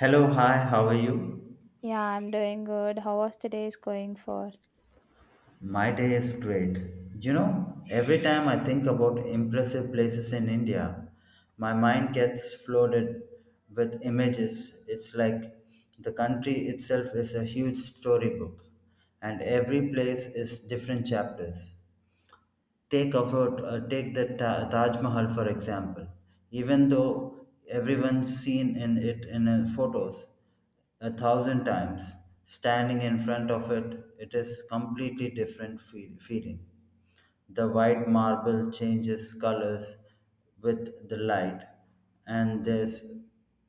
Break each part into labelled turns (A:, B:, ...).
A: Hello, hi, how are you?
B: Yeah, I'm doing good. How was today's going for?
A: My day is great. You know, every time I think about impressive places in India, my mind gets flooded with images. It's like the country itself is a huge storybook, and every place is different chapters. Take the Taj Mahal for example. Even though everyone's seen in it in photos a thousand times, standing in front of it, it is completely different feeling. The white marble changes colors with the light, and there's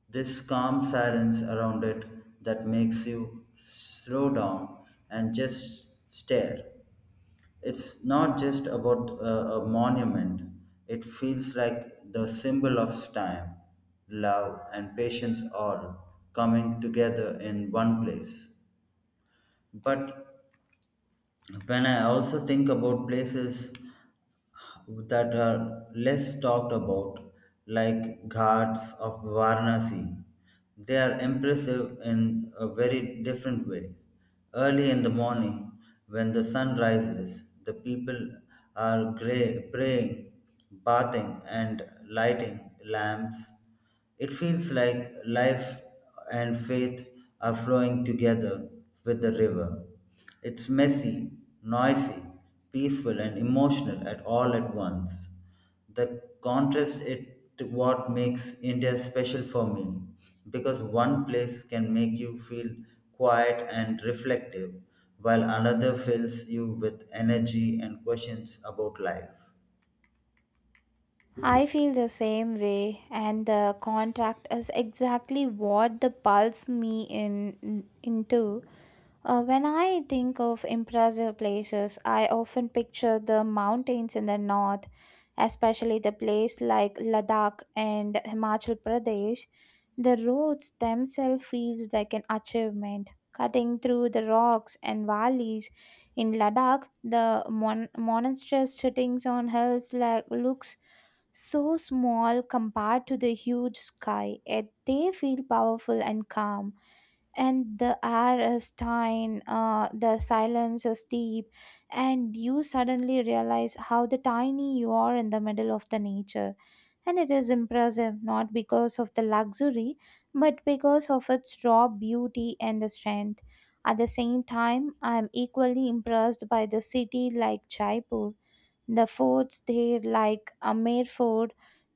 A: this calm silence around it that makes you slow down and just stare. It's not just about a monument, it feels like the symbol of time, love, and patience all coming together in one place. But when I also think about places that are less talked about, like Ghats of Varanasi, they are impressive in a very different way. Early in the morning, when the sun rises, the people are gray, praying, bathing, and lighting lamps it feels like life and faith are flowing together with the river. It's messy, noisy, peaceful, and emotional at all at once. The contrast it to what makes India special for me, because one place can make you feel quiet and reflective, while another fills you with energy and questions about life.
B: I feel the same way, and the contract is exactly what the pulls me in into. When I think of impressive places, I often picture the mountains in the north, especially the place like Ladakh and Himachal Pradesh. The roads themselves feels like an achievement. Cutting through the rocks and valleys in Ladakh, the monastery sitting on hills like looks so small compared to the huge sky, yet they feel powerful and calm. And the air is thin, the silence is deep, and you suddenly realize how the tiny you are in the middle of the nature, and it is impressive not because of the luxury but because of its raw beauty and the strength. At the same time, I am equally impressed by the city like Jaipur. The forts there, like Amer Fort,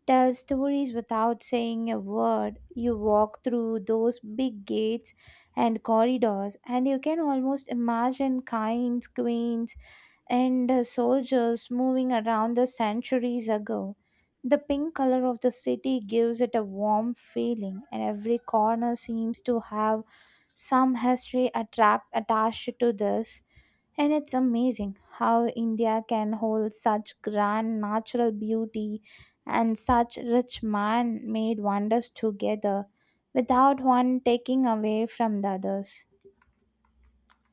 B: tell stories without saying a word. You walk through those big gates and corridors, and you can almost imagine kings, queens, and soldiers moving around the centuries ago. The pink color of the city gives it a warm feeling, and every corner seems to have some history attract attached to this. And it's amazing how India can hold such grand natural beauty and such rich man made wonders together without one taking away from the others.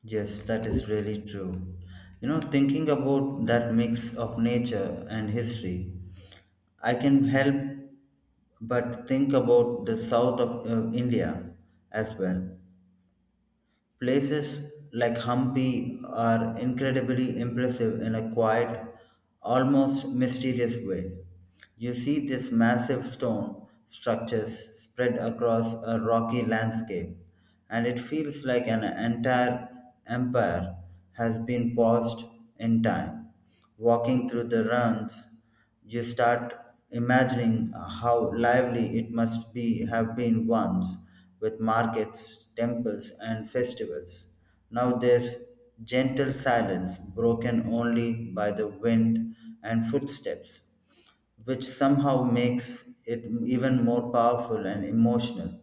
A: Yes, that is really true. You know, thinking about that mix of nature and history, I can help but think about the south of India as well. Places like Hampi are incredibly impressive in a quiet, almost mysterious way. You see these massive stone structures spread across a rocky landscape, and it feels like an entire empire has been paused in time. Walking through the ruins, you start imagining how lively it must be have been once, with markets, temples, and festivals. Now there's gentle silence, broken only by the wind and footsteps, which somehow makes it even more powerful and emotional.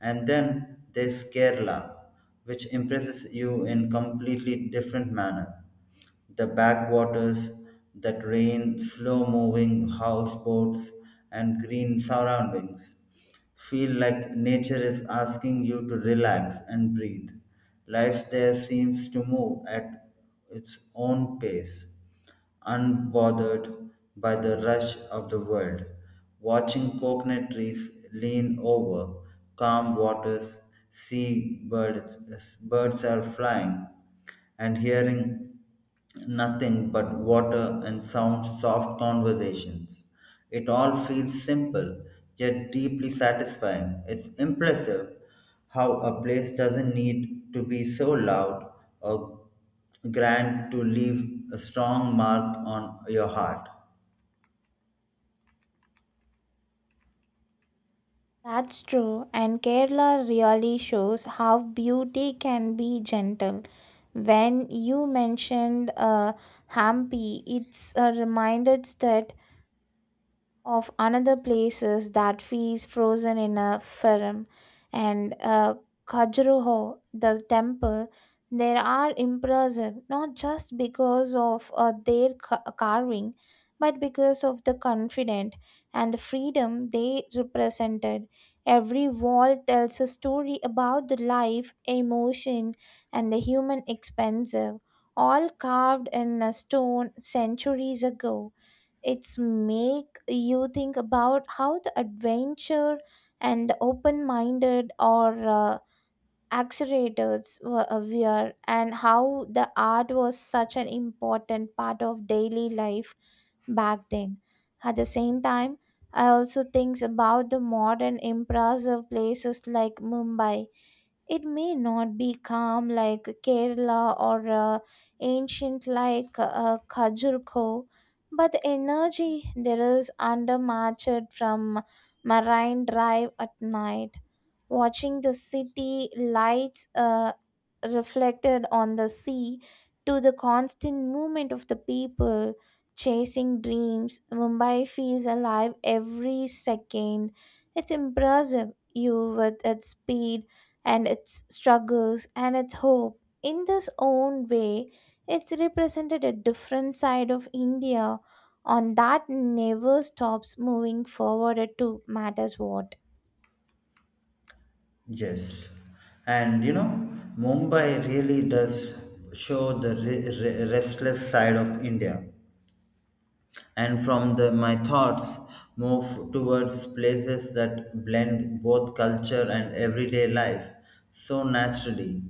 A: And then there's Kerala, which impresses you in completely different manner the backwaters that rain, slow moving houseboats, and green surroundings. Feel like nature is asking you to relax and breathe. Life there seems to move at its own pace, unbothered by the rush of the world, watching coconut trees lean over calm waters, see birds, birds are flying, and hearing nothing but water and sound soft conversations. It all feels simple yet deeply satisfying. It's impressive how a place doesn't need to be so loud or Grant to leave a strong mark on your heart.
B: That's true, and Kerala really shows how beauty can be gentle. When you mentioned Hampi, it's reminded that of another places that feels frozen in a film and Kajuruho, the temple, there are impressive not just because of their carving but because of the confidence and the freedom they represented. Every wall tells a story about the life, emotion, and the human expensive, all carved in a stone centuries ago. It's make you think about how the adventure and open-minded or accelerators were aware and how the art was such an important part of daily life back then. At the same time, I also think about the modern impressive places like Mumbai. It may not be calm like Kerala or ancient like Kajurko, but the energy there is undermatched. From Marine Drive at night, watching the city lights reflected on the sea, to the constant movement of the people chasing dreams, Mumbai feels alive every second. It's impressive you with its speed and its struggles and its hope in this own way. It's represented a different side of India, on that never stops moving forward to matters what.
A: Yes, and you know, Mumbai really does show the restless side of India. And from my thoughts, move towards places that blend both culture and everyday life so naturally.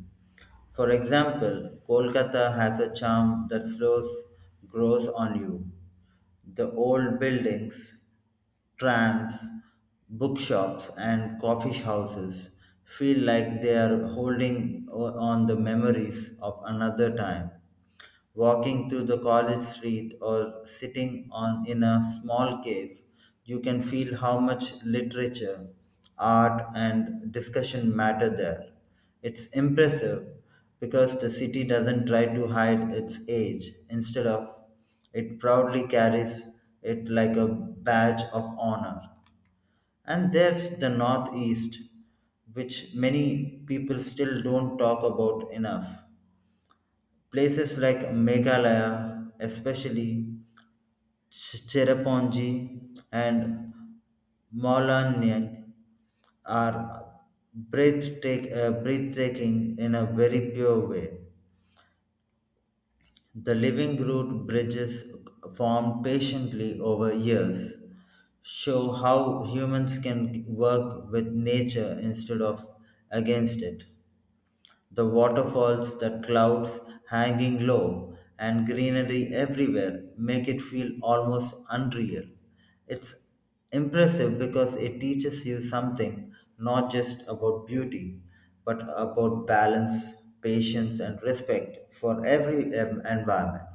A: For example, Kolkata has a charm that slows grows on you. The old buildings, trams, bookshops, and coffee houses feel like they are holding on the memories of another time. Walking through the college street or sitting on in a small cave, you can feel how much literature, art, and discussion matter there. It's impressive because the city doesn't try to hide its age. Instead of it proudly carries it like a badge of honor. And there's the Northeast, which many people still don't talk about enough. Places like Meghalaya, especially Cherrapunji and Molanang, are breathtaking in a very pure way. The living root bridges formed patiently over years show how humans can work with nature instead of against it. The waterfalls, the clouds hanging low, and greenery everywhere make it feel almost unreal. It's impressive because it teaches you something not just about beauty, but about balance, patience, and respect for every environment.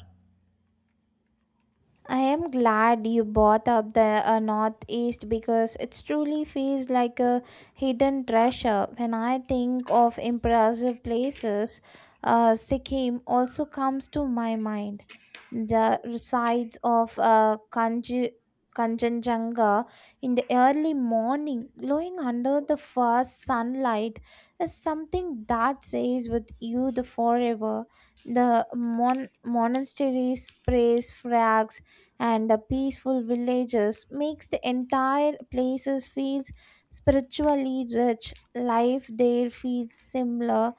B: I am glad you brought up the Northeast, because it truly feels like a hidden treasure. When I think of impressive places, Sikkim also comes to my mind. The sights of Kanji. Kanchenjunga in the early morning, glowing under the first sunlight, is something that stays with you the forever. The monasteries, praise flags, and the peaceful villages makes the entire places feels spiritually rich. Life there feels similar,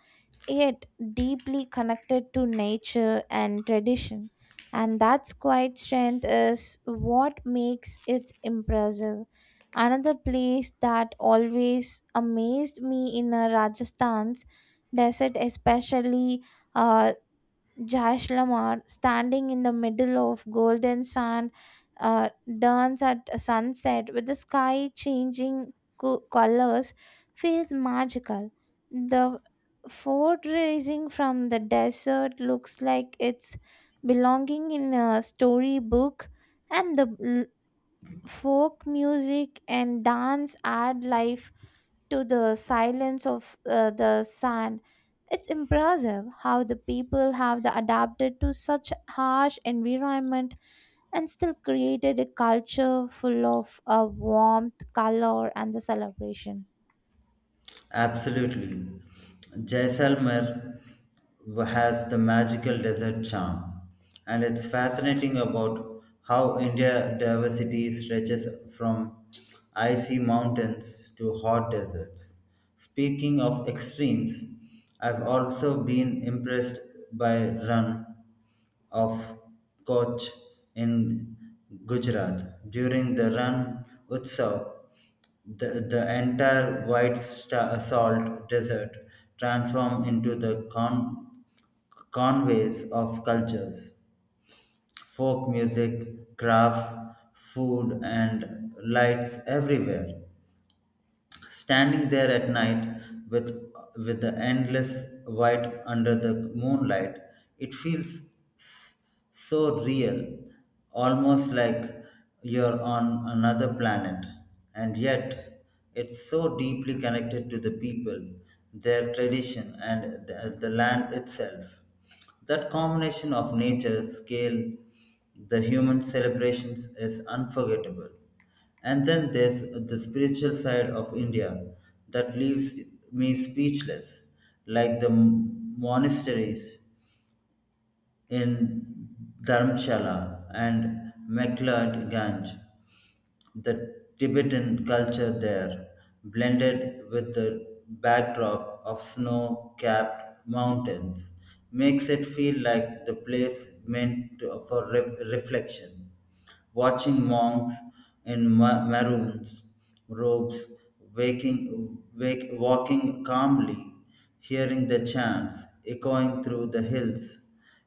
B: yet deeply connected to nature and tradition, and that's quite strength is what makes it impressive. Another place that always amazed me in Rajasthan's desert, especially uh, Jash, standing in the middle of golden sand, uh, dance at sunset with the sky changing colors, feels magical. The fort rising from the desert looks like it's belonging in a storybook, and the folk music and dance add life to the silence of the sand. It's impressive how the people have the adapted to such harsh environment and still created a culture full of warmth, color, and the celebration.
A: Absolutely. Jaisalmer has the magical desert charm, and it's fascinating about how India diversity stretches from icy mountains to hot deserts. Speaking of extremes, I've also been impressed by Run of Kutch in Gujarat. During the Ran Utsav, the entire white salt desert transformed into the conveys of cultures, folk music, craft, food, and lights everywhere standing there at night with the endless white under the moonlight it feels s- so real almost like you're on another planet and yet it's so deeply connected to the people their tradition and the land itself that combination of nature, scale, the human celebrations is unforgettable. And then there's the spiritual side of India that leaves me speechless, like the monasteries in Dharamshala and McLeod Ganj. The Tibetan culture there blended with the backdrop of snow capped mountains makes it feel like the place for reflection watching monks in maroon robes waking, walking calmly, hearing the chants echoing through the hills.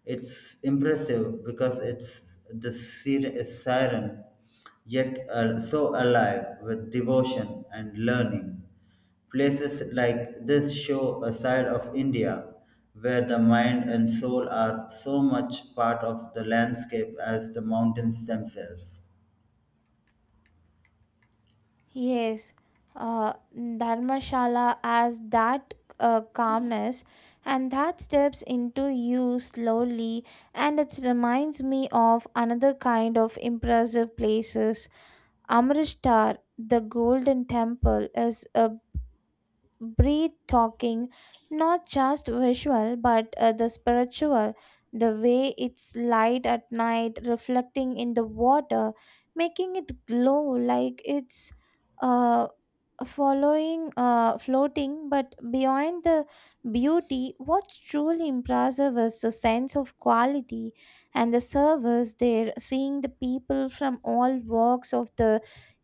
A: It's impressive because it's the siren, yet so alive with devotion and learning. Places like this show a side of India where the mind and soul are so much part of the landscape as the mountains themselves.
B: Yes, Dharmashala has that calmness and that steps into you slowly, and it reminds me of another kind of impressive places. Amritsar, the Golden Temple, is a breathtaking, not just visual but the spiritual. The way its light at night reflecting in the water, making it glow like it's. Uh, Following floating, but beyond the beauty what's truly impressive is the sense of quality and the service there. Seeing the people from all walks of the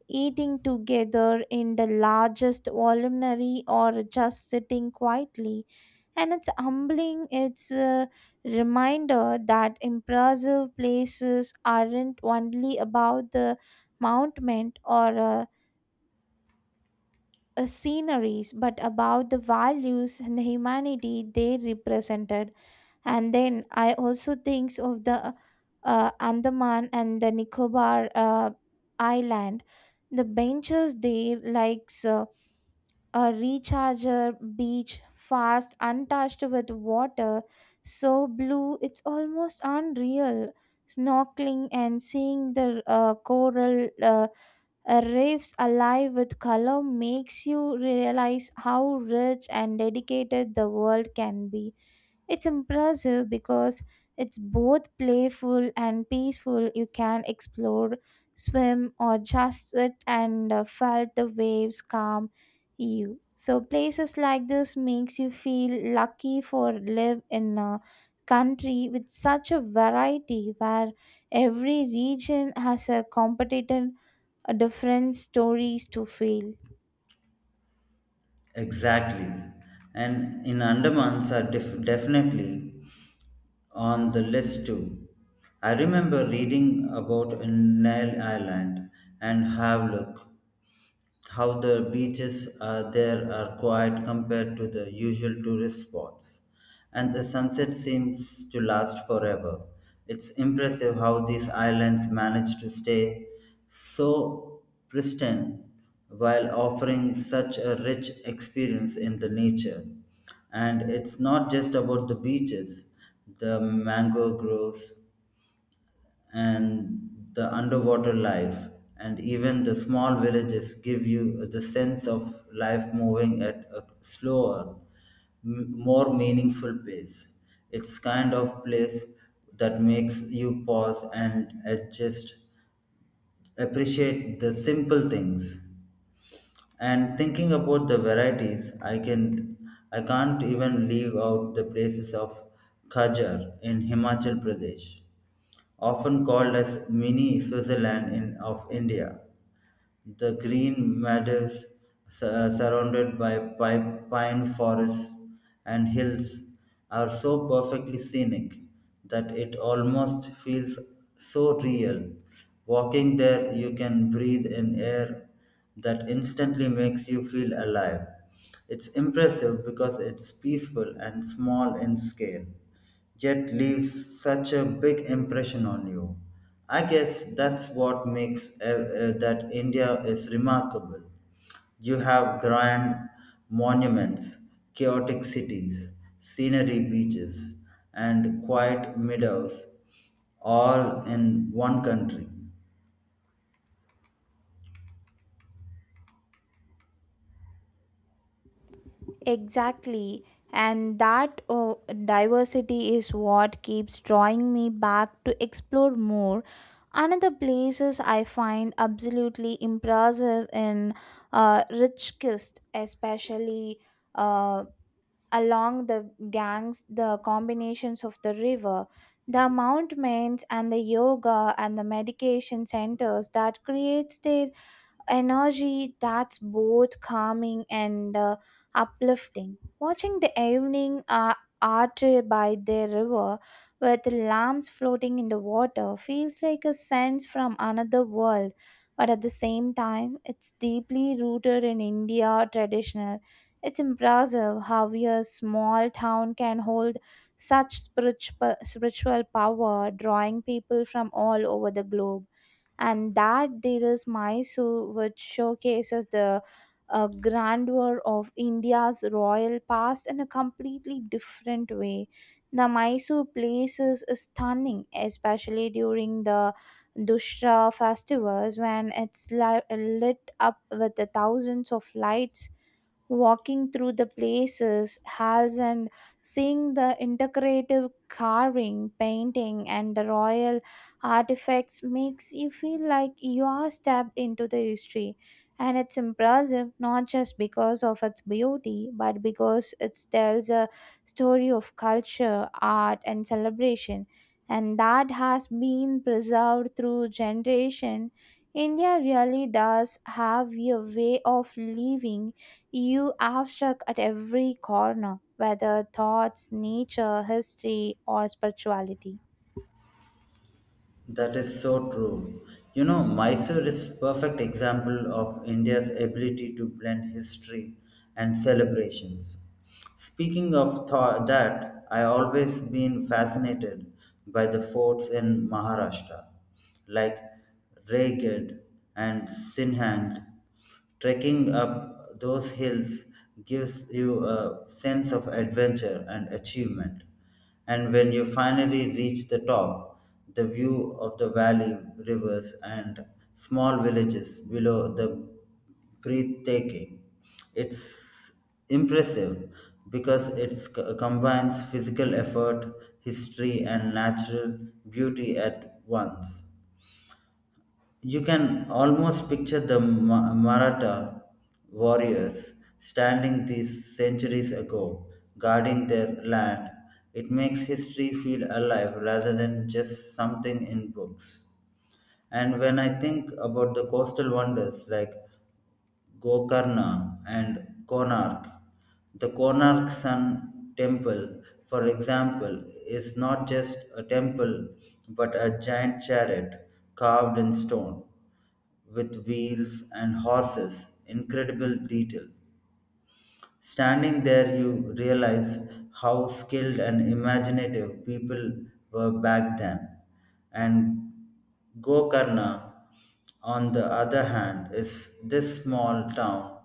B: eating together in the largest voluminary or just sitting quietly, and it's humbling. It's a reminder that impressive places aren't only about the mountain or sceneries, but about the values and the humanity they represented. And then I also think of the Andaman and the Nicobar Island. The benches there, like a recharger beach fast untouched with water so blue it's almost unreal. Snorkeling and seeing the coral reefs alive with color makes you realize how rich and dedicated the world can be. It's impressive because it's both playful and peaceful. You can explore, swim, or just sit and felt the waves calm you. So places like this makes you feel lucky for live in a country with such a variety, where every region has a competitive, a different stories to feel.
A: Exactly. And in Andamans are definitely on the list too. I remember reading about Nile Island and Havelock how the beaches there are quiet compared to the usual tourist spots, and the sunset seems to last forever. It's impressive how these islands manage to stay so pristine while offering such a rich experience in the nature. And it's not just about the beaches, the mango groves, and the underwater life and even the small villages give you the sense of life moving at a slower more meaningful pace it's kind of place that makes you pause and adjust appreciate the simple things and thinking about the varieties I can't even leave out the places of khajar in himachal pradesh often called as mini Switzerland of India. The green meadows surrounded by pine forests and hills are so perfectly scenic that it almost feels so real. Walking there, you can breathe in air that instantly makes you feel alive. It's impressive because it's peaceful and small in scale yet leaves such a big impression on you. I guess that's what makes that India is remarkable. You have grand monuments, chaotic cities, scenery beaches, and quiet meadows all in one country.
B: Exactly. And that oh, diversity is what keeps drawing me back to explore more. Another places I find absolutely impressive in Richkist, especially uh, along the gangs, the combinations of the river, the mountains and the yoga and the medication centers that creates their energy that's both calming and uplifting. Watching the evening art by the river with lamps floating in the water feels like a sense from another world, but at the same time, it's deeply rooted in India traditional. It's impressive how a small town can hold such spiritual power, drawing people from all over the globe. And that there is Mysore, which showcases the grandeur of India's royal past in a completely different way. The Mysore place is stunning, especially during the Dussehra festivals when it's lit up with the thousands of lights. Walking through the places, halls, and seeing the integrative carving, painting, and the royal artifacts makes you feel like you are stepped into the history. And it's impressive not just because of its beauty but because it tells a story of culture, art, and celebration, and that has been preserved through generation. India really does have a way of living you abstract at every corner, whether thoughts nature history or spirituality.
A: That is so true. You know, Mysore is perfect example of India's ability to blend history and celebrations. Speaking of that, I always been fascinated by the forts in Maharashtra, like Raigad and Sinhand. Trekking up those hills gives you a sense of adventure and achievement. And when you finally reach the top, the view of the valley, rivers, and small villages below the breathtaking. It's impressive because it combines physical effort, history, and natural beauty at once. You can almost picture the Maratha warriors standing these centuries ago, guarding their land. It makes history feel alive rather than just something in books. And when I think about the coastal wonders like Gokarna and Konark, the Konark Sun Temple, for example, is not just a temple but a giant chariot carved in stone with wheels and horses, incredible detail. Standing there, you realize how skilled and imaginative people were back then. And Gokarna, on the other hand, is this small town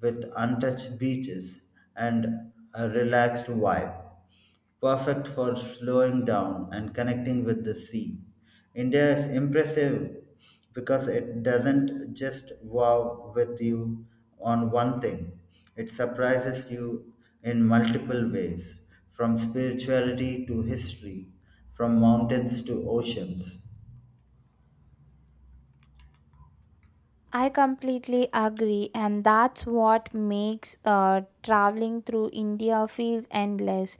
A: with untouched beaches and a relaxed vibe perfect for slowing down and connecting with the sea. India is impressive because it doesn't just wow with you on one thing, it surprises you in multiple ways from spirituality to history, from mountains to oceans.
B: I completely agree, and that's what makes traveling through India feels endless.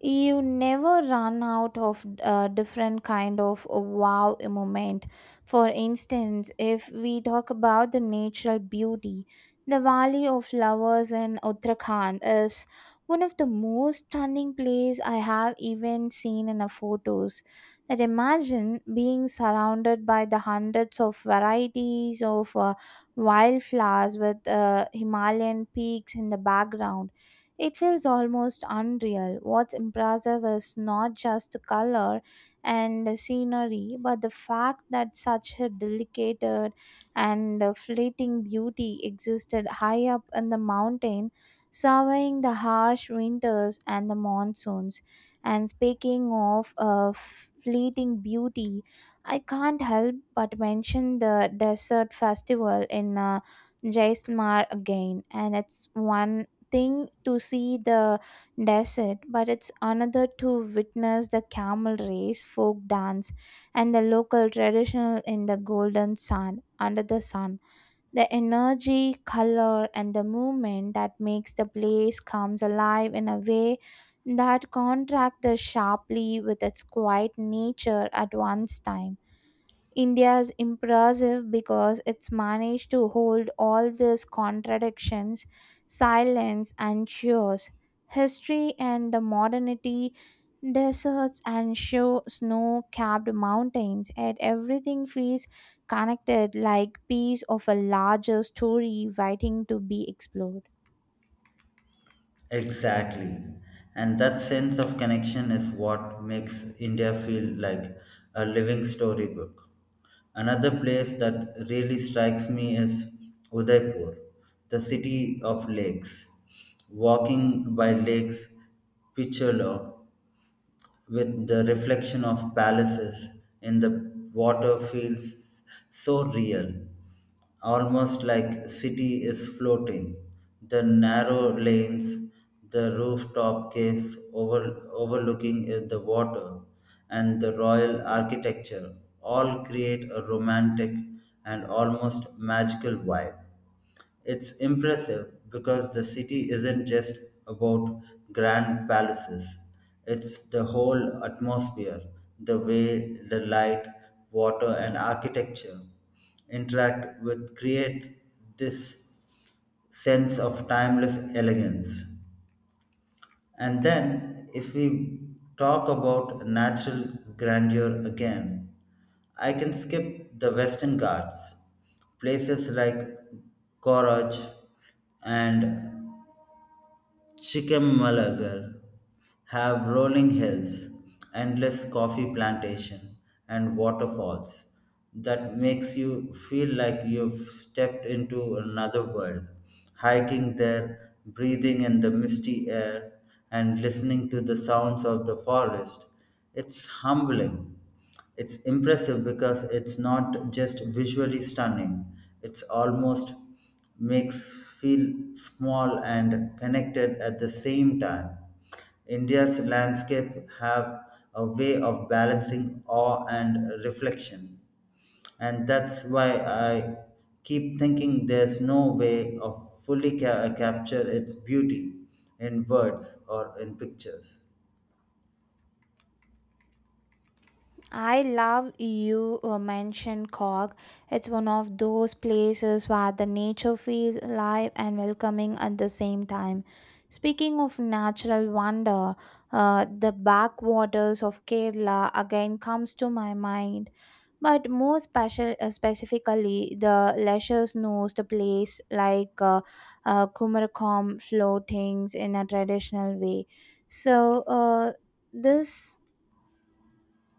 B: You never run out of different kind of wow moment. For instance, if we talk about the natural beauty, the valley of flowers in Uttarakhand is one of the most stunning place I have even seen in a photos. That imagine being surrounded by the hundreds of varieties of wildflowers with Himalayan peaks in the background, it feels almost unreal. What's impressive is not just the color and the scenery, but the fact that such a delicate and fleeting beauty existed high up in the mountain, surveying the harsh winters and the monsoons. And speaking of fleeting beauty, I can't help but mention the desert festival in Jaisalmer again, and it's one thing to see the desert, but it's another to witness the camel race, folk dance, and the local traditional in the golden sand under the sun. The energy, color, and the movement that makes the place comes alive in a way that contrasts sharply with its quiet nature at one's time. India is impressive because it's managed to hold all these contradictions, silence, and cheers. History and the modernity, deserts and show snow capped mountains, yet everything feels connected like piece of a larger story waiting to be explored.
A: Exactly. And that sense of connection is what makes India feel like a living storybook. Another place that really strikes me is Udaipur, the city of lakes. Walking by lakes, Picholo with the reflection of palaces in the water feels so real, almost like city is floating. The narrow lanes, the rooftop overlooking the water, and the royal architecture all create a romantic and almost magical vibe. It's impressive because the city isn't just about grand palaces, it's the whole atmosphere, the way the light, water, and architecture interact with create this sense of timeless elegance. And then, if we talk about natural grandeur again, I can skip the Western Ghats, places like Koraj and Chickamauga have rolling hills, endless coffee plantation, and waterfalls that makes you feel like you've stepped into another world. Hiking there, breathing in the misty air, and listening to the sounds of the forest, it's humbling. It's impressive because it's not just visually stunning, it's almost makes feel small and connected at the same time. India's landscape have a way of balancing awe and reflection. And that's why I keep thinking there's no way of fully capture its beauty in words or in pictures.
B: I love you mentioned Cog. It's one of those places where the nature feels alive and welcoming at the same time. Speaking of natural wonder, the backwaters of Kerala again comes to my mind. But more special, specifically, the leisure knows the place like Kumarkom floatings in a traditional way. So uh, this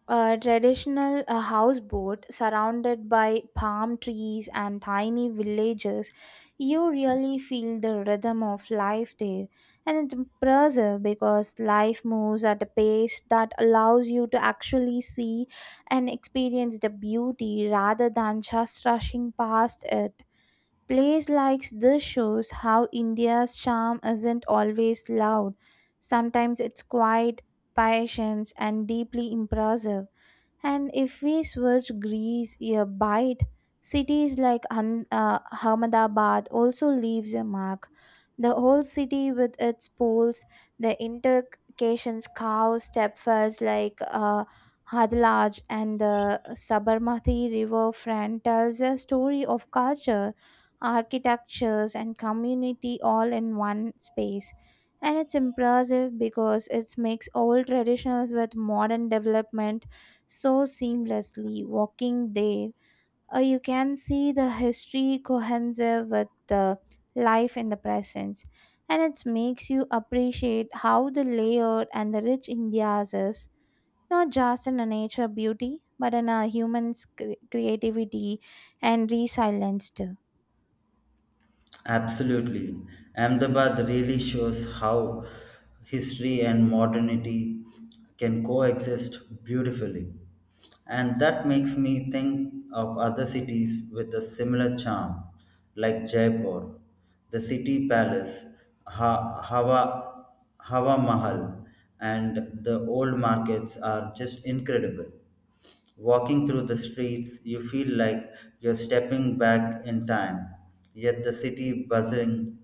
B: a traditional houseboat surrounded by palm trees and tiny villages, you really feel the rhythm of life there. And it's impressive because life moves at a pace that allows you to actually see and experience the beauty rather than just rushing past it. Plays like this shows how India's charm isn't always loud. Sometimes it's quiet, patient, and deeply impressive. And if we switch Greece a bite, cities like Ahmedabad also leaves a mark. The whole city with its poles, the intercations cow stepfers like Hadlaj and the Sabarmati River front tells a story of culture, architectures and community all in one space. And it's impressive because it makes old traditions with modern development so seamlessly walking there. You can see the history cohesive with the life in the present. And it makes you appreciate how the layered and the rich India's is, not just in a nature beauty, but in a human's creativity and resilience too.
A: Absolutely. Ahmedabad really shows how history and modernity can coexist beautifully. And that makes me think of other cities with a similar charm, like Jaipur, the city palace, ha- Hawa, Hawa Mahal, and the old markets are just incredible. Walking through the streets, you feel like you're stepping back in time, yet the city buzzing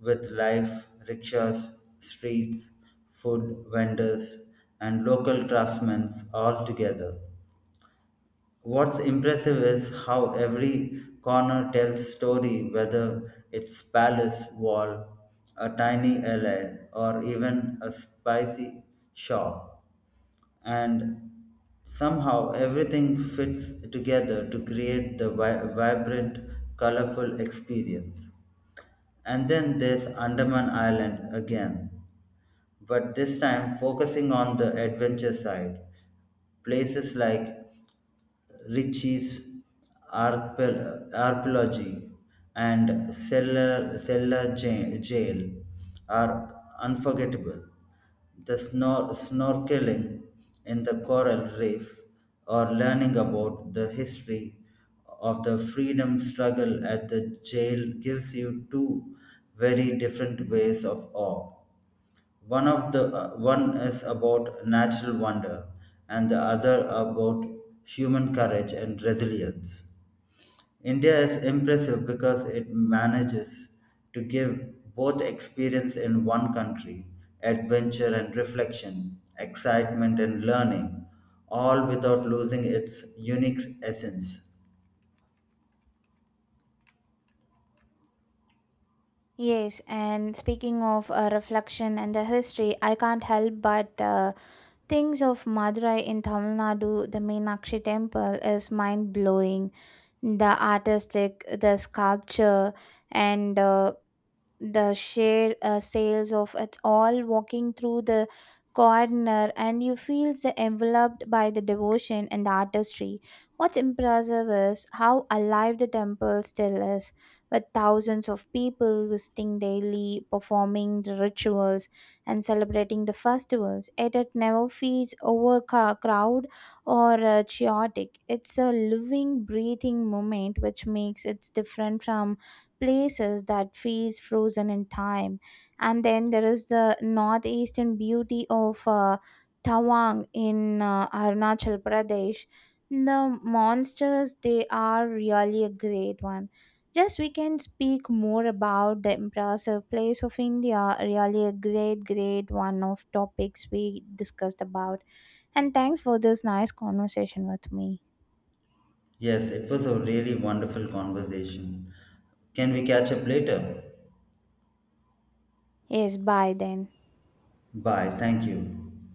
A: with life, rickshaws, streets, food vendors, and local craftsmen all together. What's impressive is how every corner tells story, whether it's palace wall, a tiny alley, or even a spicy shop. And somehow everything fits together to create the vibrant, colorful experience. And then there's Andaman Island again, but this time focusing on the adventure side. Places like Ritchie's Archaeology and Jail are unforgettable. The snorkeling in the coral reef or learning about the history of the freedom struggle at the jail gives you two very different ways of awe. One of the one is about natural wonder, and the other about human courage and resilience. India is impressive because it manages to give both experience in one country, adventure and reflection, excitement and learning, all without losing its unique essence.
B: Yes, and speaking of reflection and the history, I can't help but things of Madurai in Tamil Nadu. The Meenakshi temple is mind blowing, the artistic, the sculpture, and the share sales of it all. Walking through the corner, and you feel so enveloped by the devotion and the artistry. What's impressive is how alive the temple still is, with thousands of people visiting daily, performing the rituals and celebrating the festivals, yet it never feels overcrowded or chaotic. It's a living breathing moment, which makes it different from places that feels frozen in time. And then there is the northeastern beauty of Tawang in Arunachal Pradesh. The monsters they are really a great one. Just we can speak more about the impressive place of India, really a great one of topics we discussed about. And thanks for this nice conversation with me.
A: Yes, it was a really wonderful conversation. Can we catch up later?
B: Yes, bye then.
A: Bye. Thank you.